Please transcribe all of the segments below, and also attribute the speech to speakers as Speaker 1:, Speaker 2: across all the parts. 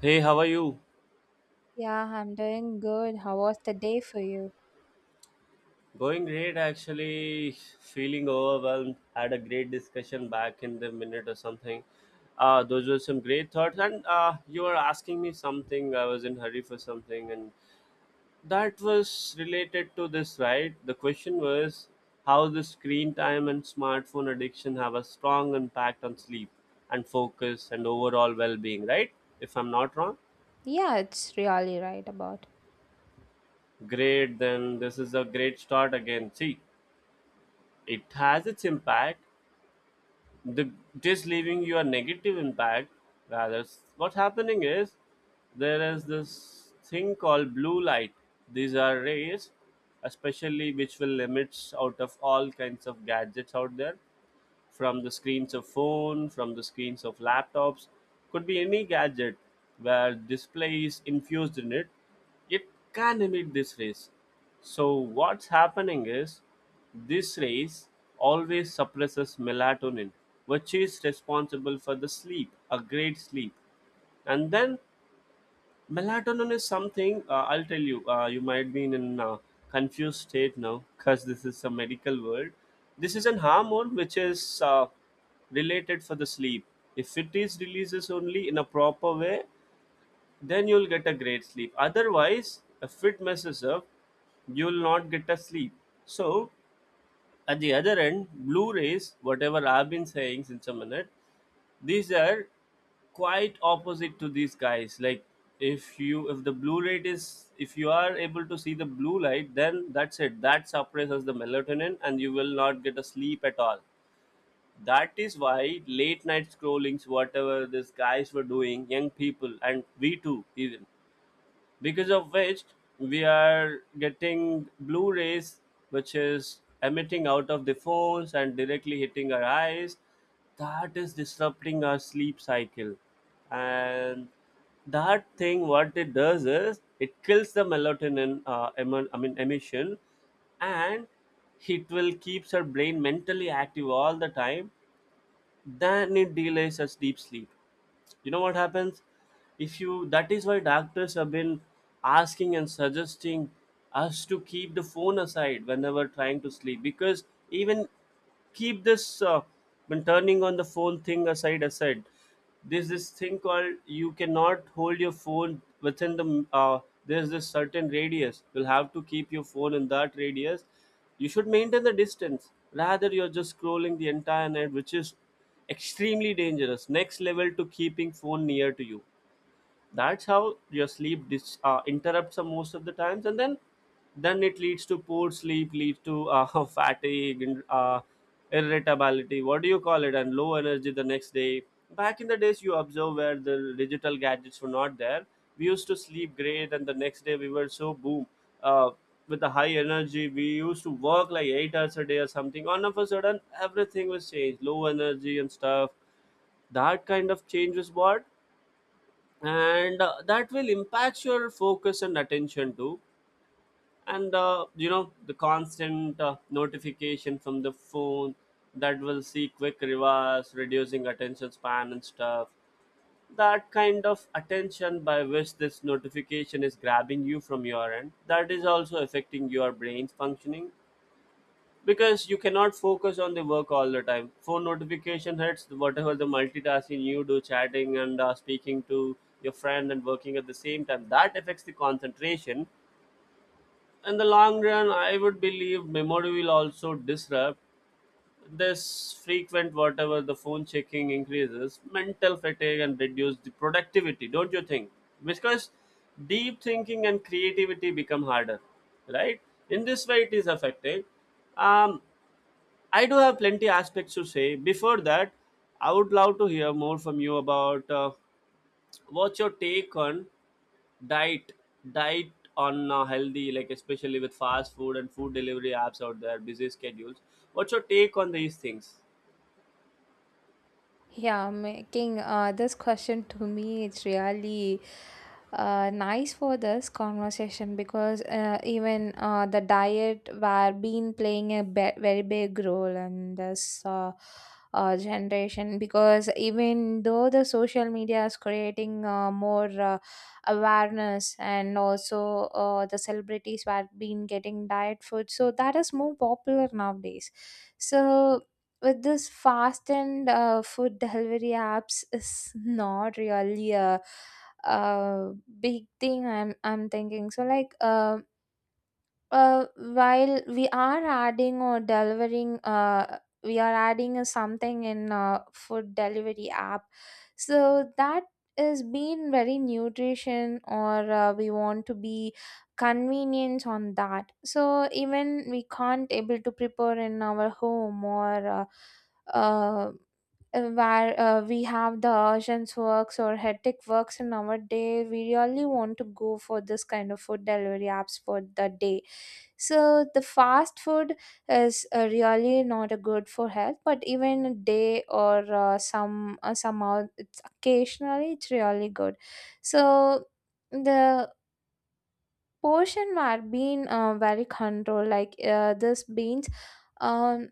Speaker 1: Hey, how are you?
Speaker 2: Yeah, I'm doing good. How was the day for you?
Speaker 1: Going great, actually. Feeling overwhelmed. Had a great discussion back in the minute or something. Those were some great thoughts, and you were asking me something. I was in hurry for something, and that was related to this, right? The question was how the screen time and smartphone addiction have a strong impact on sleep and focus and overall well-being, right? If I'm not wrong.
Speaker 2: Yeah, it's really right about.
Speaker 1: Great, then this is a great start again. See, it has its impact, the this leaving you a negative impact, rather what's happening is there is this thing called blue light. These are rays, especially which will limits out of all kinds of gadgets out there, from the screens of phone, from the screens of laptops. Could be any gadget where display is infused in it, it can emit this rays. So what's happening is this rays always suppresses melatonin, which is responsible for the sleep, a great sleep. And then melatonin is something, I'll tell you, you might be in a confused state now because this is a medical world. This is an hormone which is related for the sleep. If it is releases only in a proper way, then you'll get a great sleep, otherwise if it messes up, you'll not get a sleep. So at the other end, blue rays, whatever I've been saying since a minute, these are quite opposite to these guys. Like, if the blue light is, if you are able to see the blue light, then that's it, that suppresses the melatonin and you will not get a sleep at all. That is why late night scrollings, whatever these guys were doing, young people and we too even, because of which we are getting blue rays, which is emitting out of the phones and directly hitting our eyes, that is disrupting our sleep cycle. And that thing, what it does is it kills the melatonin I mean emission, and it will keeps her brain mentally active all the time, then it delays us deep sleep. You know what happens if you, that is why doctors have been asking and suggesting us to keep the phone aside whenever trying to sleep, because even keep this, when turning on the phone thing aside. There's this thing called you cannot hold your phone within the there's this certain radius, you'll have to keep your phone in that radius, you should maintain the distance, rather you're just scrolling the entire night, which is extremely dangerous. Next level to keeping phone near to you, that's how your sleep interrupts most of the times, and then it leads to poor sleep, leads to fatigue and irritability, what do you call it, and low energy the next day. Back in the days, you observe, where the digital gadgets were not there, we used to sleep great, and the next day we were so boom, uh, with the high energy we used to work like 8 hours a day or something. All of a sudden everything was changed, low energy and stuff. That kind of change was what, and that will impact your focus and attention too. And you know, the constant notification from the phone, that will see quick rewards, reducing attention span and stuff. That kind of attention by which this notification is grabbing you from your end, that is also affecting your brain's functioning, because you cannot focus on the work all the time. Phone notification hits, whatever the multitasking you do, chatting and speaking to your friend and working at the same time, that affects the concentration. In the long run, I would believe memory will also disrupt this. Frequent whatever the phone checking increases mental fatigue and reduce the productivity, don't you think? Because deep thinking and creativity become harder, right? In this way it is affected. um, I do have plenty aspects to say. Before that, I would love to hear more from you about, what's your take on diet, diet on, healthy, like especially with fast food and food delivery apps out there, busy schedules. What's your take on these things?
Speaker 2: Yeah, making this question to me, it's really nice for this conversation, because even the diet were been playing a very big role in this generation, because even though the social media is creating more awareness, and also the celebrities were been getting diet food, so that is more popular nowadays. So with this fast and food delivery apps is not really uh big thing I'm thinking. So like while we are adding or delivering, we are adding a something in food delivery app, so that is being very nutrition, or we want to be convenience on that. So even we can't able to prepare in our home, or uh where we have the urgent works or hectic works in our day, we really want to go for this kind of food delivery apps for the day. So the fast food is really not a good for health, but even a day or somehow it's occasionally it's really good. So the portion were being very controlled, like this beans. Um,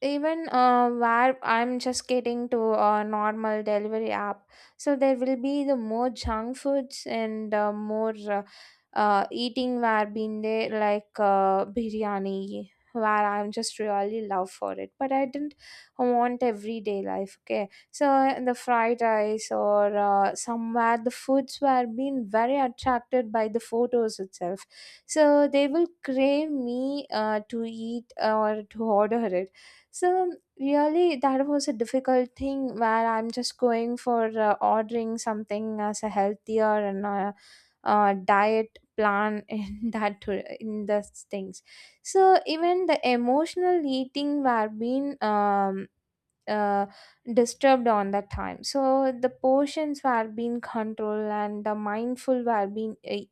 Speaker 2: Even where I'm just getting to a normal delivery app, so there will be the more junk foods and more eating where been there, like biryani, where I'm just really love for it. But I didn't want everyday life. Okay, so the fried rice or somewhere the foods were being very attracted by the photos itself, so they will crave me to eat or to order it. So really, that was a difficult thing where I'm just going for ordering something as a healthier and a diet plan in in those things. So even the emotional eating were being uh, disturbed on that time. So the portions were being controlled and the mindful were being.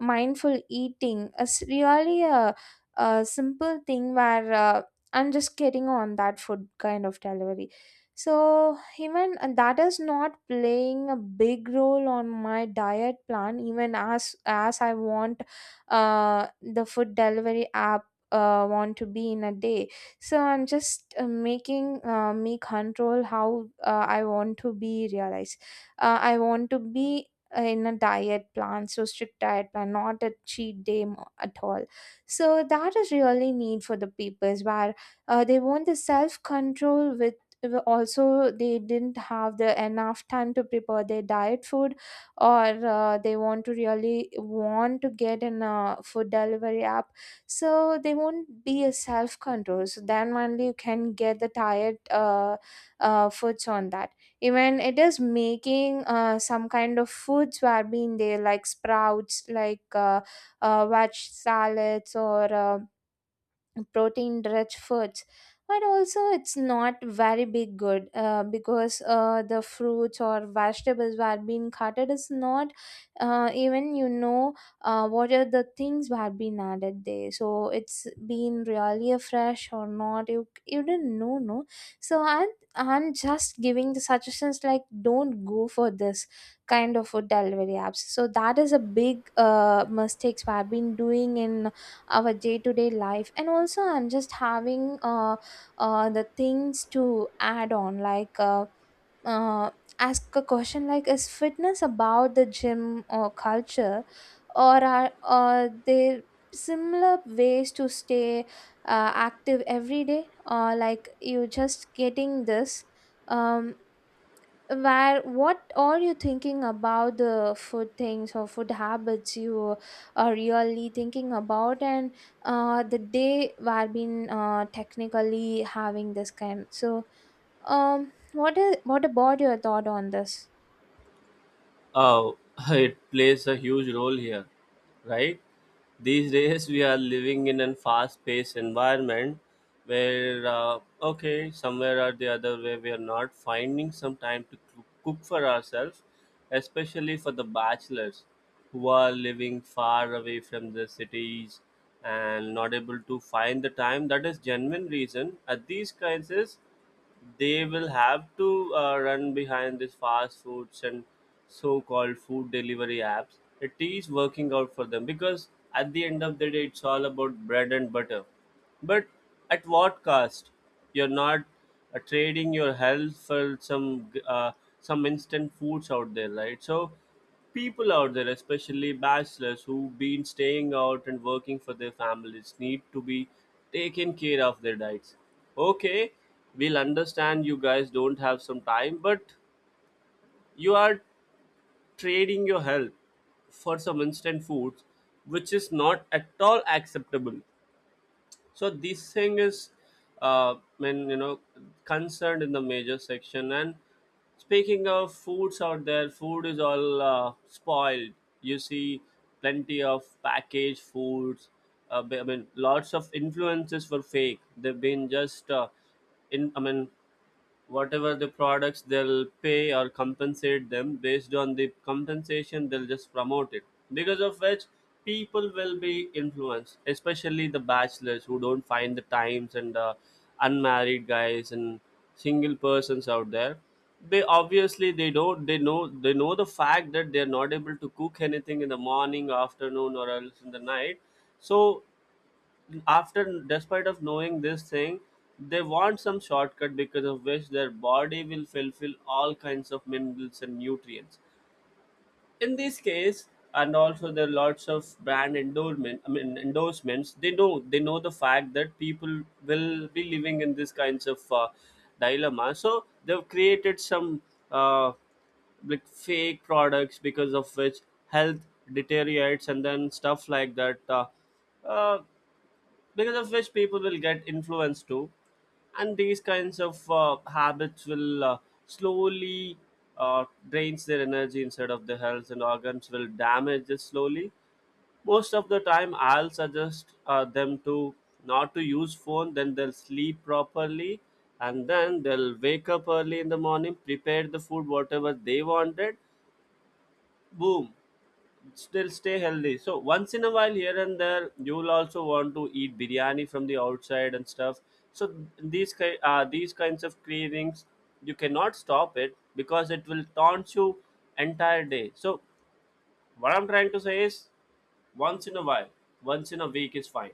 Speaker 2: Mindful eating is really a simple thing where I'm just getting on that food kind of delivery. So even that is not playing a big role on my diet plan. Even as I want the food delivery app want to be in a day. So I'm just making me control how I want to be realized. I want to be in a diet plan, so strict diet plan, not a cheat day at all. So that is really need for the peoples where they want the self control, with also they didn't have the enough time to prepare their diet food, or they want to really want to get in a food delivery app, so they won't be a self control, so then only you can get the diet foods on that. Even it is making some kind of foods were being there like sprouts, like veg salads or protein rich foods. But also it's not very big good because the fruits or vegetables were being cutted is not even you know what are the things were being added there. So it's been really a fresh or not, you didn't know no. So I'm just giving the suggestions like, don't go for this kind of food delivery apps. So that is a big mistakes we have been doing in our day-to-day life. And also I'm just having the things to add on, like uh, ask a question like, is fitness about the gym or culture, or are there similar ways to stay active every day, or like you just getting this um where what are you thinking about the food things or food habits you are really thinking about? And the day where been technically having this kind. So what is what about your thought on this?
Speaker 1: uh, it plays a huge role here, right? These days we are living in a fast-paced environment where, okay, somewhere or the other way we are not finding some time to cook for ourselves, especially for the bachelors who are living far away from the cities and not able to find the time. That is genuine reason. At these crises they will have to run behind these fast foods and so-called food delivery apps. It is working out for them because at the end of the day it's all about bread and butter. But at what cost? You're not trading your health for some instant foods out there, right? So people out there, especially bachelors who've been staying out and working for their families, need to be taken care of their diets. Okay, we'll understand you guys don't have some time, but you are trading your health for some instant foods, which is not at all acceptable. So this thing is, uh, when you know, concerned in the major section. And speaking of foods out there, food is all spoiled, you see. Plenty of packaged foods, I mean lots of influences were fake, they've been just in I mean whatever the products, they'll pay or compensate them, based on the compensation they'll just promote it. Because of which people will be influenced, especially the bachelors who don't find the times, and unmarried guys and single persons out there, they obviously, they don't they know, they know the fact that they're not able to cook anything in the morning, afternoon, or else in the night. So after despite of knowing this thing, they want some shortcut, because of which their body will fulfill all kinds of minerals and nutrients in this case. And also there are lots of brand endorsement I mean endorsements. They know the fact that people will be living in this kinds of dilemma, so they've created some uh, like fake products, because of which health deteriorates and then stuff like that. Uh, because of which people will get influenced too. And these kinds of habits will slowly drains their energy inside of the health, and organs will damage it slowly. Most of the time I'll suggest them to not to use phone, then they'll sleep properly, and then they'll wake up early in the morning, prepare the food whatever they wanted, boom, still stay healthy. So once in a while, here and there, you will also want to eat biryani from the outside and stuff. So these these kinds of cravings, you cannot stop it because it will taunt you entire day. So what I'm trying to say is, once in a while, once in a week is fine.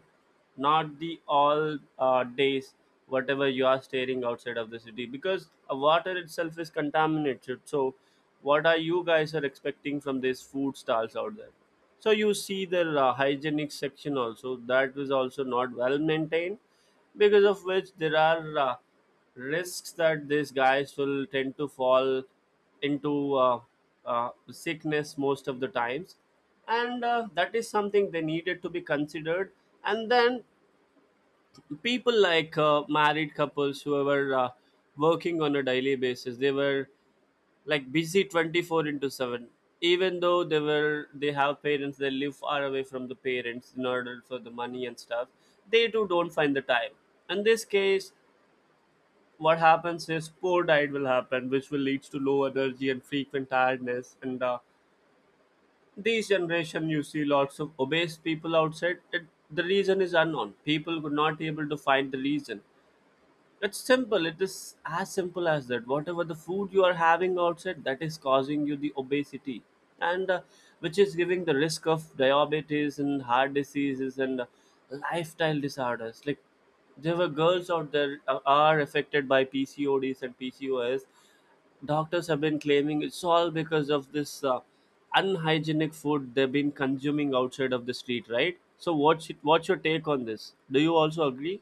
Speaker 1: Not the all days, whatever you are staring outside of the city, because water itself is contaminated. So what are you guys are expecting from these food stalls out there? So you see the hygienic section also, that is also not well maintained, because of which there are risks that these guys will tend to fall into sickness most of the times. And that is something they needed to be considered. And then people like married couples who were working on a daily basis, they were like busy 24 into 7. Even though they have parents, they live far away from the parents in order for the money and stuff, they too don't find the time. In this case, what happens is poor diet will happen, which will lead to low energy and frequent tiredness. And these generation, you see lots of obese people outside. It, the reason is unknown. People could not able to find the reason. It's simple. It is as simple as that. Whatever the food you are having outside, that is causing you the obesity, and which is giving the risk of diabetes and heart diseases, and lifestyle disorders. Like there were girls out there are affected by PCODs and PCOS. Doctors have been claiming it's all because of this unhygienic food they've been consuming outside of the street, right? So what's your take on this? Do you also agree?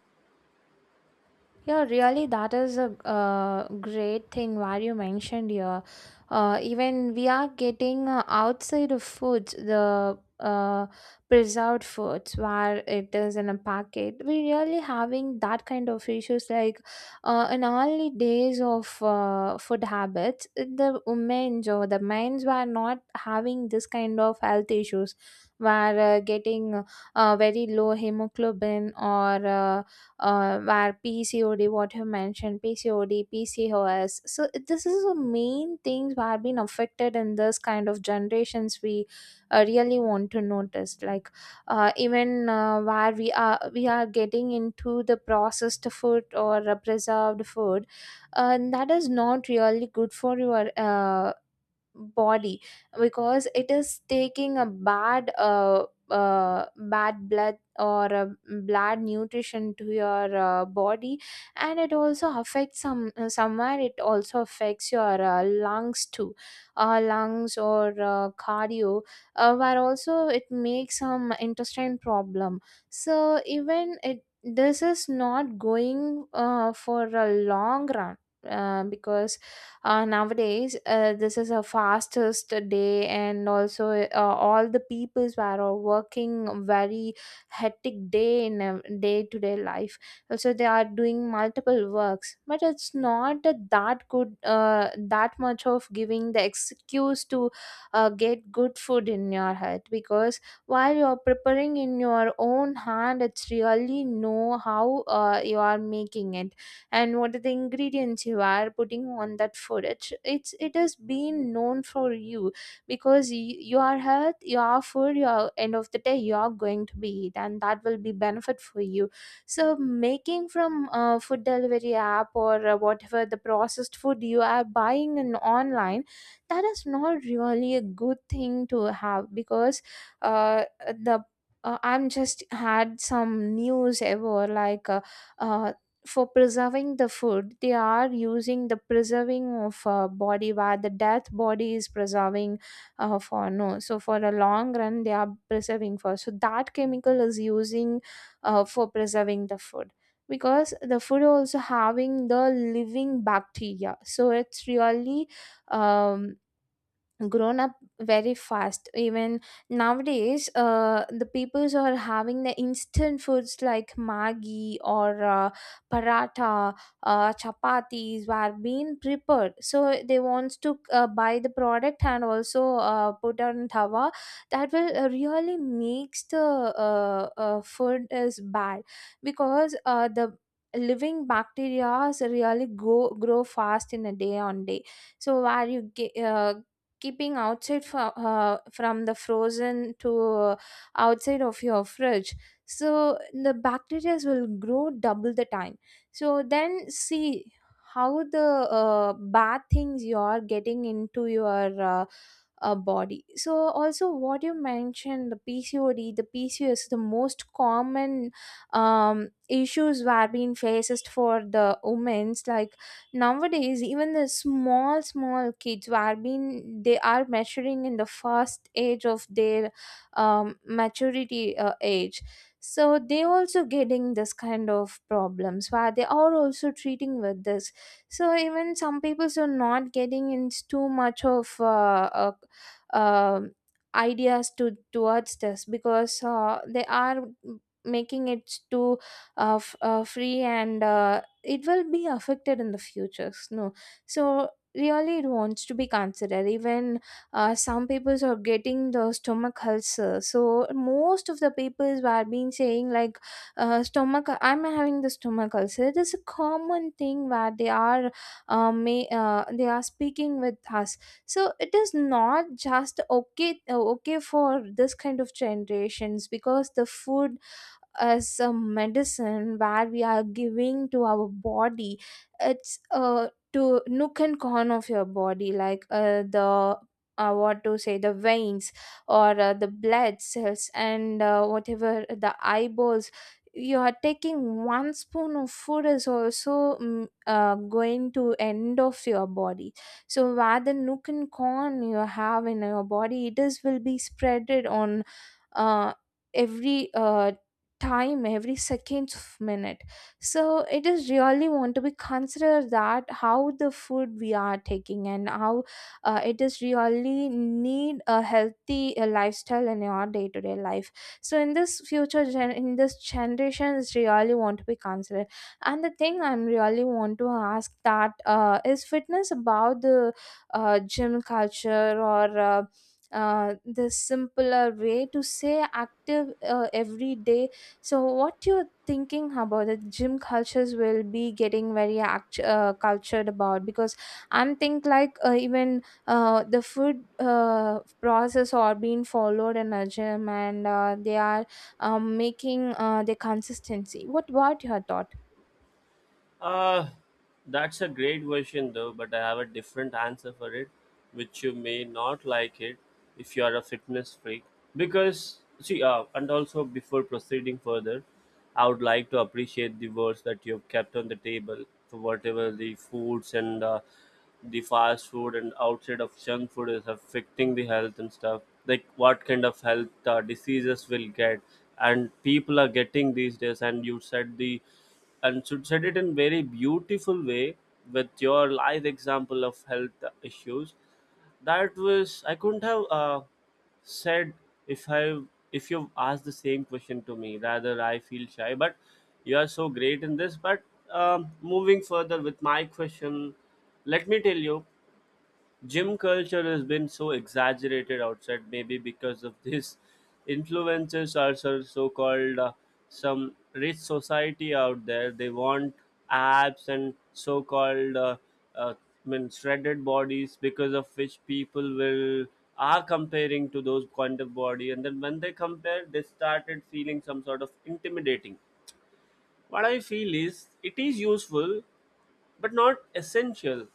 Speaker 2: Yeah, really, that is a great thing where you mentioned here. Even we are getting outside of foods, the preserved foods where it is in a packet. We really having that kind of issues. Like in early days of food habits, the women or the men's were not having this kind of health issues, were getting very low hemoglobin or where PCOD, what you mentioned, PCOD, PCOS. So this is the main things were being affected in this kind of generations. We really want to notice, like even where we are getting into the processed food or preserved food, that is not really good for your body, because it is taking a bad bad blood or a bad nutrition to your body. And it also affects some somewhere it also affects your lungs too, lungs or cardio, where also it makes some intestine problem. So even it this is not going for a long run, because nowadays this is a fastest day, and also all the peoples were all working very hectic day in a day-to-day life. Also they are doing multiple works, but it's not that good, that much of giving the excuse to get good food in your health, because while you are preparing in your own hand, it's really know how you are making it. And what are the ingredients you are putting on that food, it has been known for you. Because your health, your food, your end of the day, you are going to be it, and that will be benefit for you. So making from food delivery app or whatever the processed food you are buying in online, that is not really a good thing to have. Because the I'm just had some news ever, like uh, for preserving the food, they are using the preserving of a body where the death body is preserving for no. So for a long run they are preserving for, so that chemical is using for preserving the food, because the food also having the living bacteria, so it's really um, grown up very fast. Even nowadays the peoples are having the instant foods like Maggi or paratha, chapatis were being prepared, so they wants to buy the product and also put on tawa. That will really makes the food is bad, because the living bacteria really go grow fast in a day on day. So where you get, keeping outside from the frozen to outside of your fridge. So the bacteria will grow double the time. So then see how the bad things you are getting into your body. So also what you mentioned, the PCOD, the PCOS, the most common issues were being faced for the women's. Like nowadays even the small small kids who are being they are maturing in the first age of their maturity age. So they also getting this kind of problems, where they are also treating with this. So even some people are not getting into too much of um ideas to towards this, because they are making it too free, and it will be affected in the future no. So really it wants to be considered. Even some people are getting the stomach ulcer. So most of the papers were been saying like, stomach I'm having the stomach ulcer, it is a common thing where they are speaking with us. So it is not just okay okay for this kind of generations, because the food as a medicine where we are giving to our body, it's to nook and corner of your body, like the what to say, the veins, or the blood cells, and whatever the eyeballs, you are taking one spoon of food is also going to end of your body. So where the nook and corn you have in your body, it is will be spreaded on uh, every time, every seconds of minute. So it is really want to be consider that how the food we are taking, and how it is really need a healthy lifestyle in your day-to-day life. So in this generation is really want to be considered. And the thing I'm really want to ask that, is fitness about the gym culture, or the simpler way to say active every day? So, what you're thinking about the gym cultures will be getting very cultured about, because I'm think like even the food process are being followed in a gym, and they are making the consistency. What about your thought?
Speaker 1: uh that's a great question though, but I have a different answer for it, which you may not like it if you are a fitness freak. Because see, and also before proceeding further, I would like to appreciate the words that you've kept on the table for whatever the foods and the fast food and outside of junk food is affecting the health and stuff, like what kind of health diseases will get, and people are getting these days. And you said the, and should said it in very beautiful way, with your live example of health issues. That was, I couldn't have said, if I if you ask the same question to me, rather I feel shy. But you are so great in this. But moving further with my question, let me tell you, gym culture has been so exaggerated outside, maybe because of this influences are so, so called some rich society out there. They want abs and so called uh, I mean, shredded bodies, because of which people will are comparing to those kind of body, and then when they compare they started feeling some sort of intimidating. What I feel is, it is useful but not essential.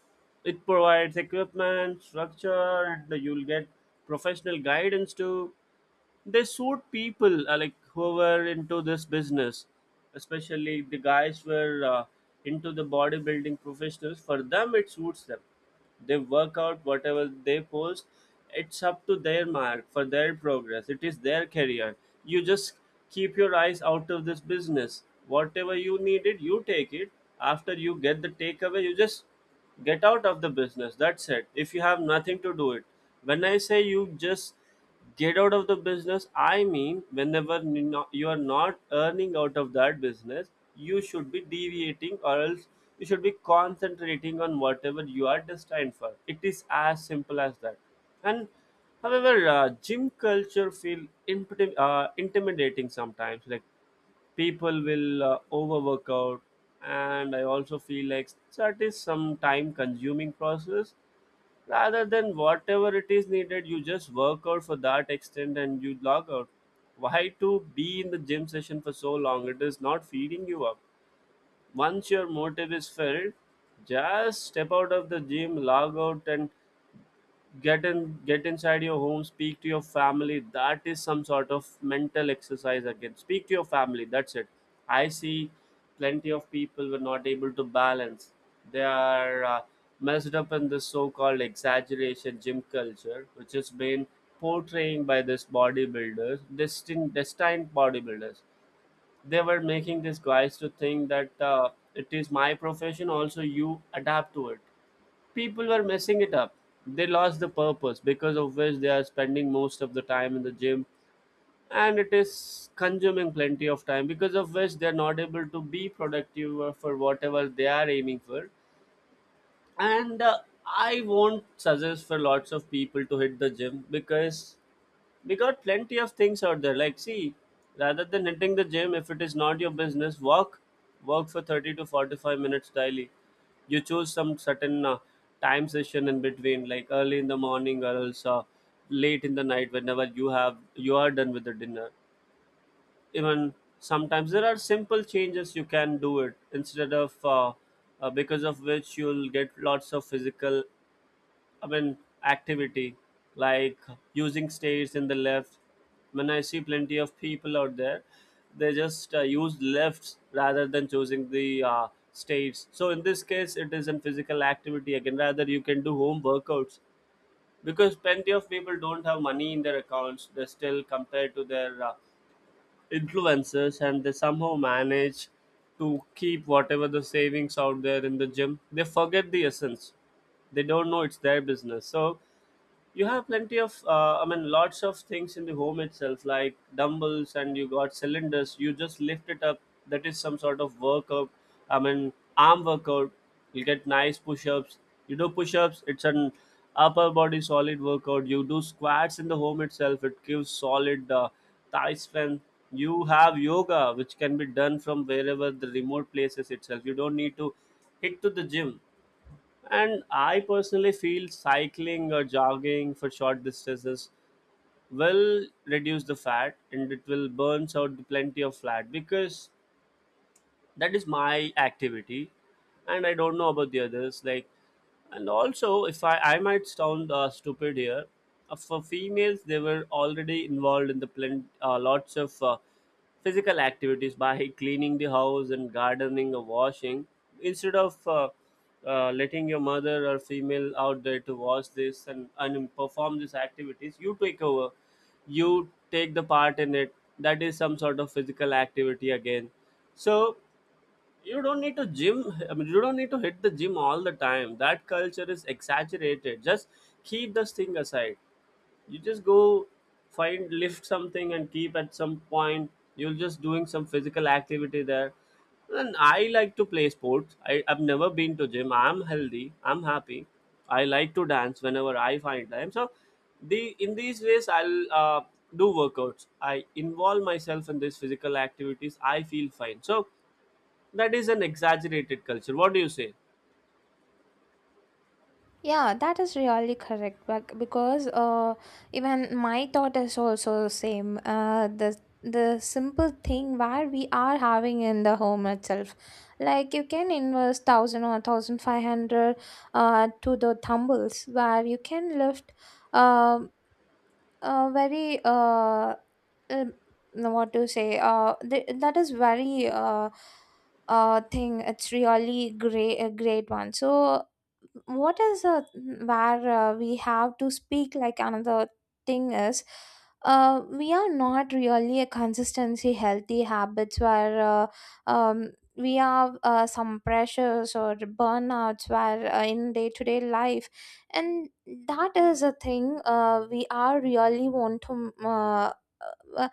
Speaker 1: It provides equipment, structure, and you'll get professional guidance too. They suit people like who were into this business, especially the guys were into the bodybuilding professionals. For them it suits them. They work out whatever they post, it's up to their mark for their progress, it is their career. You just keep your eyes out of this business, whatever you needed you take it. After you get the takeaway, you just get out of the business, that's it, if you have nothing to do it. When I say you just get out of the business, I mean whenever you you are not earning out of that business, you should be deviating, or else you should be concentrating on whatever you are destined for. It is as simple as that. And however, gym culture feel intimidating sometimes, like people will overwork out. And I also feel like that is some time consuming process, rather than whatever it is needed you just work out for that extent and you log out. Why to be in the gym session for so long? It is not feeding you up. Once your motive is filled, just step out of the gym, log out, and get inside your home, speak to your family. That is some sort of mental exercise again, speak to your family, that's it. I see plenty of people were not able to balance. They are messed up in this so-called exaggeration gym culture, which is been portraying by this bodybuilders, destined bodybuilders. They were making these guys to think that it is my profession, also you adapt to it. People were messing it up. They lost the purpose, because of which they are spending most of the time in the gym, and it is consuming plenty of time, because of which they're not able to be productive or for whatever they are aiming for. And I won't suggest for lots of people to hit the gym, because plenty of things out there. Like see, rather than hitting the gym, if it is not your business, walk, walk for 30 to 45 minutes daily. You choose some certain time session in between, like early in the morning or else late in the night whenever you have, you are done with the dinner. Even sometimes there are simple changes you can do it, instead of because of which you'll get lots of physical, I mean, activity, like using stairs in the left. When I see plenty of people out there, they just use lefts rather than choosing the stairs. So in this case, it is in physical activity again. Rather, you can do home workouts, because plenty of people don't have money in their accounts. They still compare to their influencers, and they somehow manage to keep whatever the savings out there in the gym. They forget the essence, they don't know it's their business. So you have plenty of I mean lots of things in the home itself, like dumbbells, and you got cylinders, you just lift it up. That is some sort of workout, I mean arm workout. You get nice push-ups, you do push-ups, it's an upper body solid workout. You do squats in the home itself, it gives solid thigh strength. You have yoga, which can be done from wherever the remote places itself, you don't need to hit to the gym. And I personally feel cycling or jogging for short distances will reduce the fat, and it will burn out the plenty of fat, because that is my activity. And I don't know about the others, like, and also if I might sound stupid here, for females, they were already involved in the lots of physical activities by cleaning the house and gardening or washing, instead of letting your mother or female out there to wash this, and perform these activities, you take over, you take the part in it. That is some sort of physical activity again. So you don't need to gym, I mean you don't need to hit the gym all the time, that culture is exaggerated. Just keep this thing aside, you just go find, lift something and keep at some point, you're just doing some physical activity there. And I like to play sports. I've never been to gym, I'm healthy, I'm happy. I like to dance whenever I find time. So the in these ways I'll do workouts, I involve myself in these physical activities, I feel fine. So that is an exaggerated culture, what do you say?
Speaker 2: Yeah, that is really correct. But because even my thought is also same. The simple thing where we are having in the home itself, like you can invest 1,000 or 1,500 to the thumbles where you can lift. Um, very um, what to say th- That is very thing. It's really great, a great one. So what is where we have to speak. Like another thing is, we are not really a consistency healthy habits where um, we have some pressures or burnouts where in day-to-day life. And that is a thing we are really want to uh,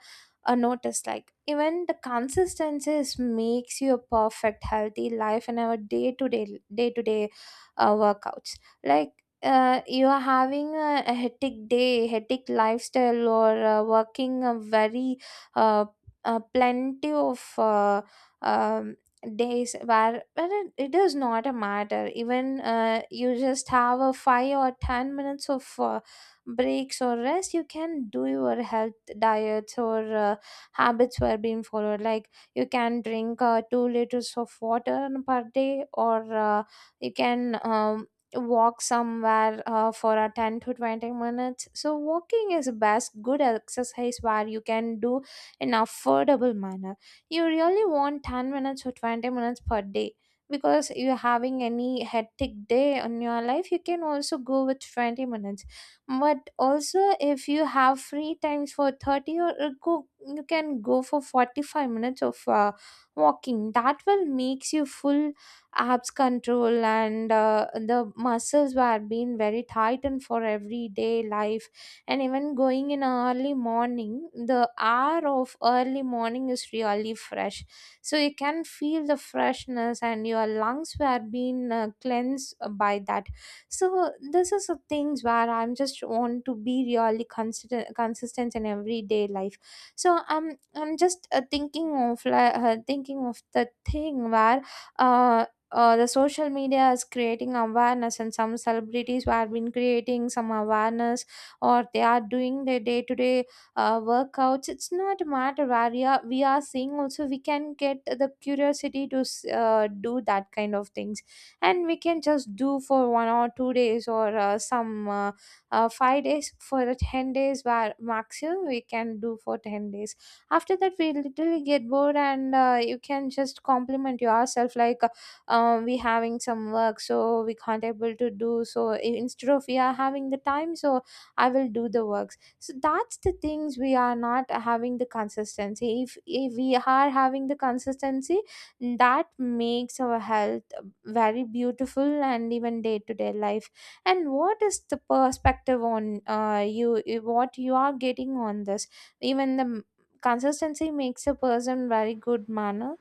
Speaker 2: notice, like even the consistencies makes you a perfect healthy life in our day to day workouts. Like you are having a hectic day, hectic lifestyle, or working a very uh, plenty of um, days where it does not a matter. Even you just have a 5 or 10 minutes of breaks or rest, you can do your health diets or habits were being followed. Like you can drink 2 liters of water per day, or you can walk somewhere for a 10 to 20 minutes. So walking is best good exercise where you can do in affordable manner. You really want 10 minutes or 20 minutes per day. Because you're having any hectic day in your life, you can also go with 20 minutes. But also if you have free times for 30 or go, you can go for 45 minutes of walking. That will makes you full abs control, and the muscles were being very tightened for everyday life. And even going in early morning, the hour of early morning is really fresh, so you can feel the freshness and your lungs were being cleansed by that. So this is the things where I'm just want to be really consistent in everyday life. So I'm just thinking of, like thinking of the thing where uh the social media is creating awareness, and some celebrities who have been creating some awareness or they are doing their day to day workouts. It's not a matter where we are seeing. Also we can get the curiosity to do that kind of things, and we can just do for one or two days, or some five days for the 10 days, where maximum we can do for 10 days. After that we literally get bored, and you can just compliment yourself like we having some work, so we can't able to do. So instead of we are having the time, so I will do the works. So that's the things we are not having the consistency. If we are having the consistency, that makes our health very beautiful, and even day to day life. And what is the perspective on you? What you are getting on this? Even the consistency makes a person very good manner.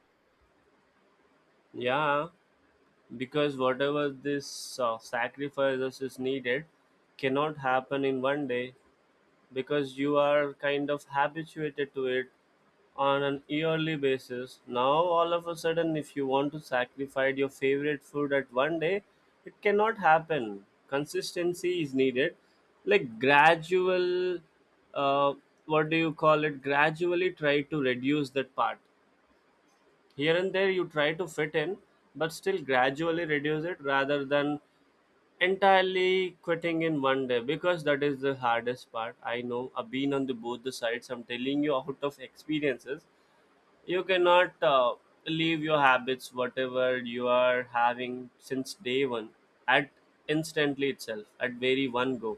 Speaker 1: Yeah, because whatever this sacrifices is needed cannot happen in one day, because you are kind of habituated to it on an yearly basis now. All of a sudden if you want to sacrifice your favorite food at one day, it cannot happen, consistency is needed. Like gradual, uh, what do you call it, gradually try to reduce that part. Here and there, you try to fit in, but still gradually reduce it rather than entirely quitting in one day, because that is the hardest part. I know, I've been on the both the sides, I'm telling you out of experiences. You cannot leave your habits whatever you are having since day one at instantly itself at very one go.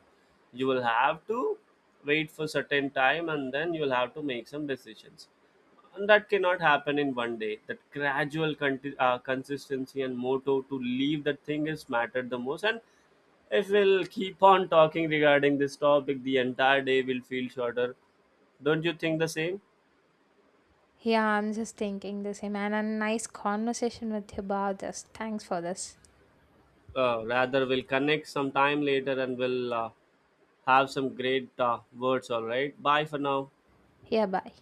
Speaker 1: You will have to wait for certain time, and then you will have to make some decisions, and that cannot happen in one day. That gradual consistency and motto to leave that thing is mattered the most. And if we'll keep on talking regarding this topic, the entire day will feel shorter. Don't you think the same?
Speaker 2: Yeah, I'm just thinking the same, and a nice conversation with you about this. Thanks for this.
Speaker 1: Rather, we'll connect some time later, and we'll have some great words. All right, bye for now.
Speaker 2: Yeah, bye.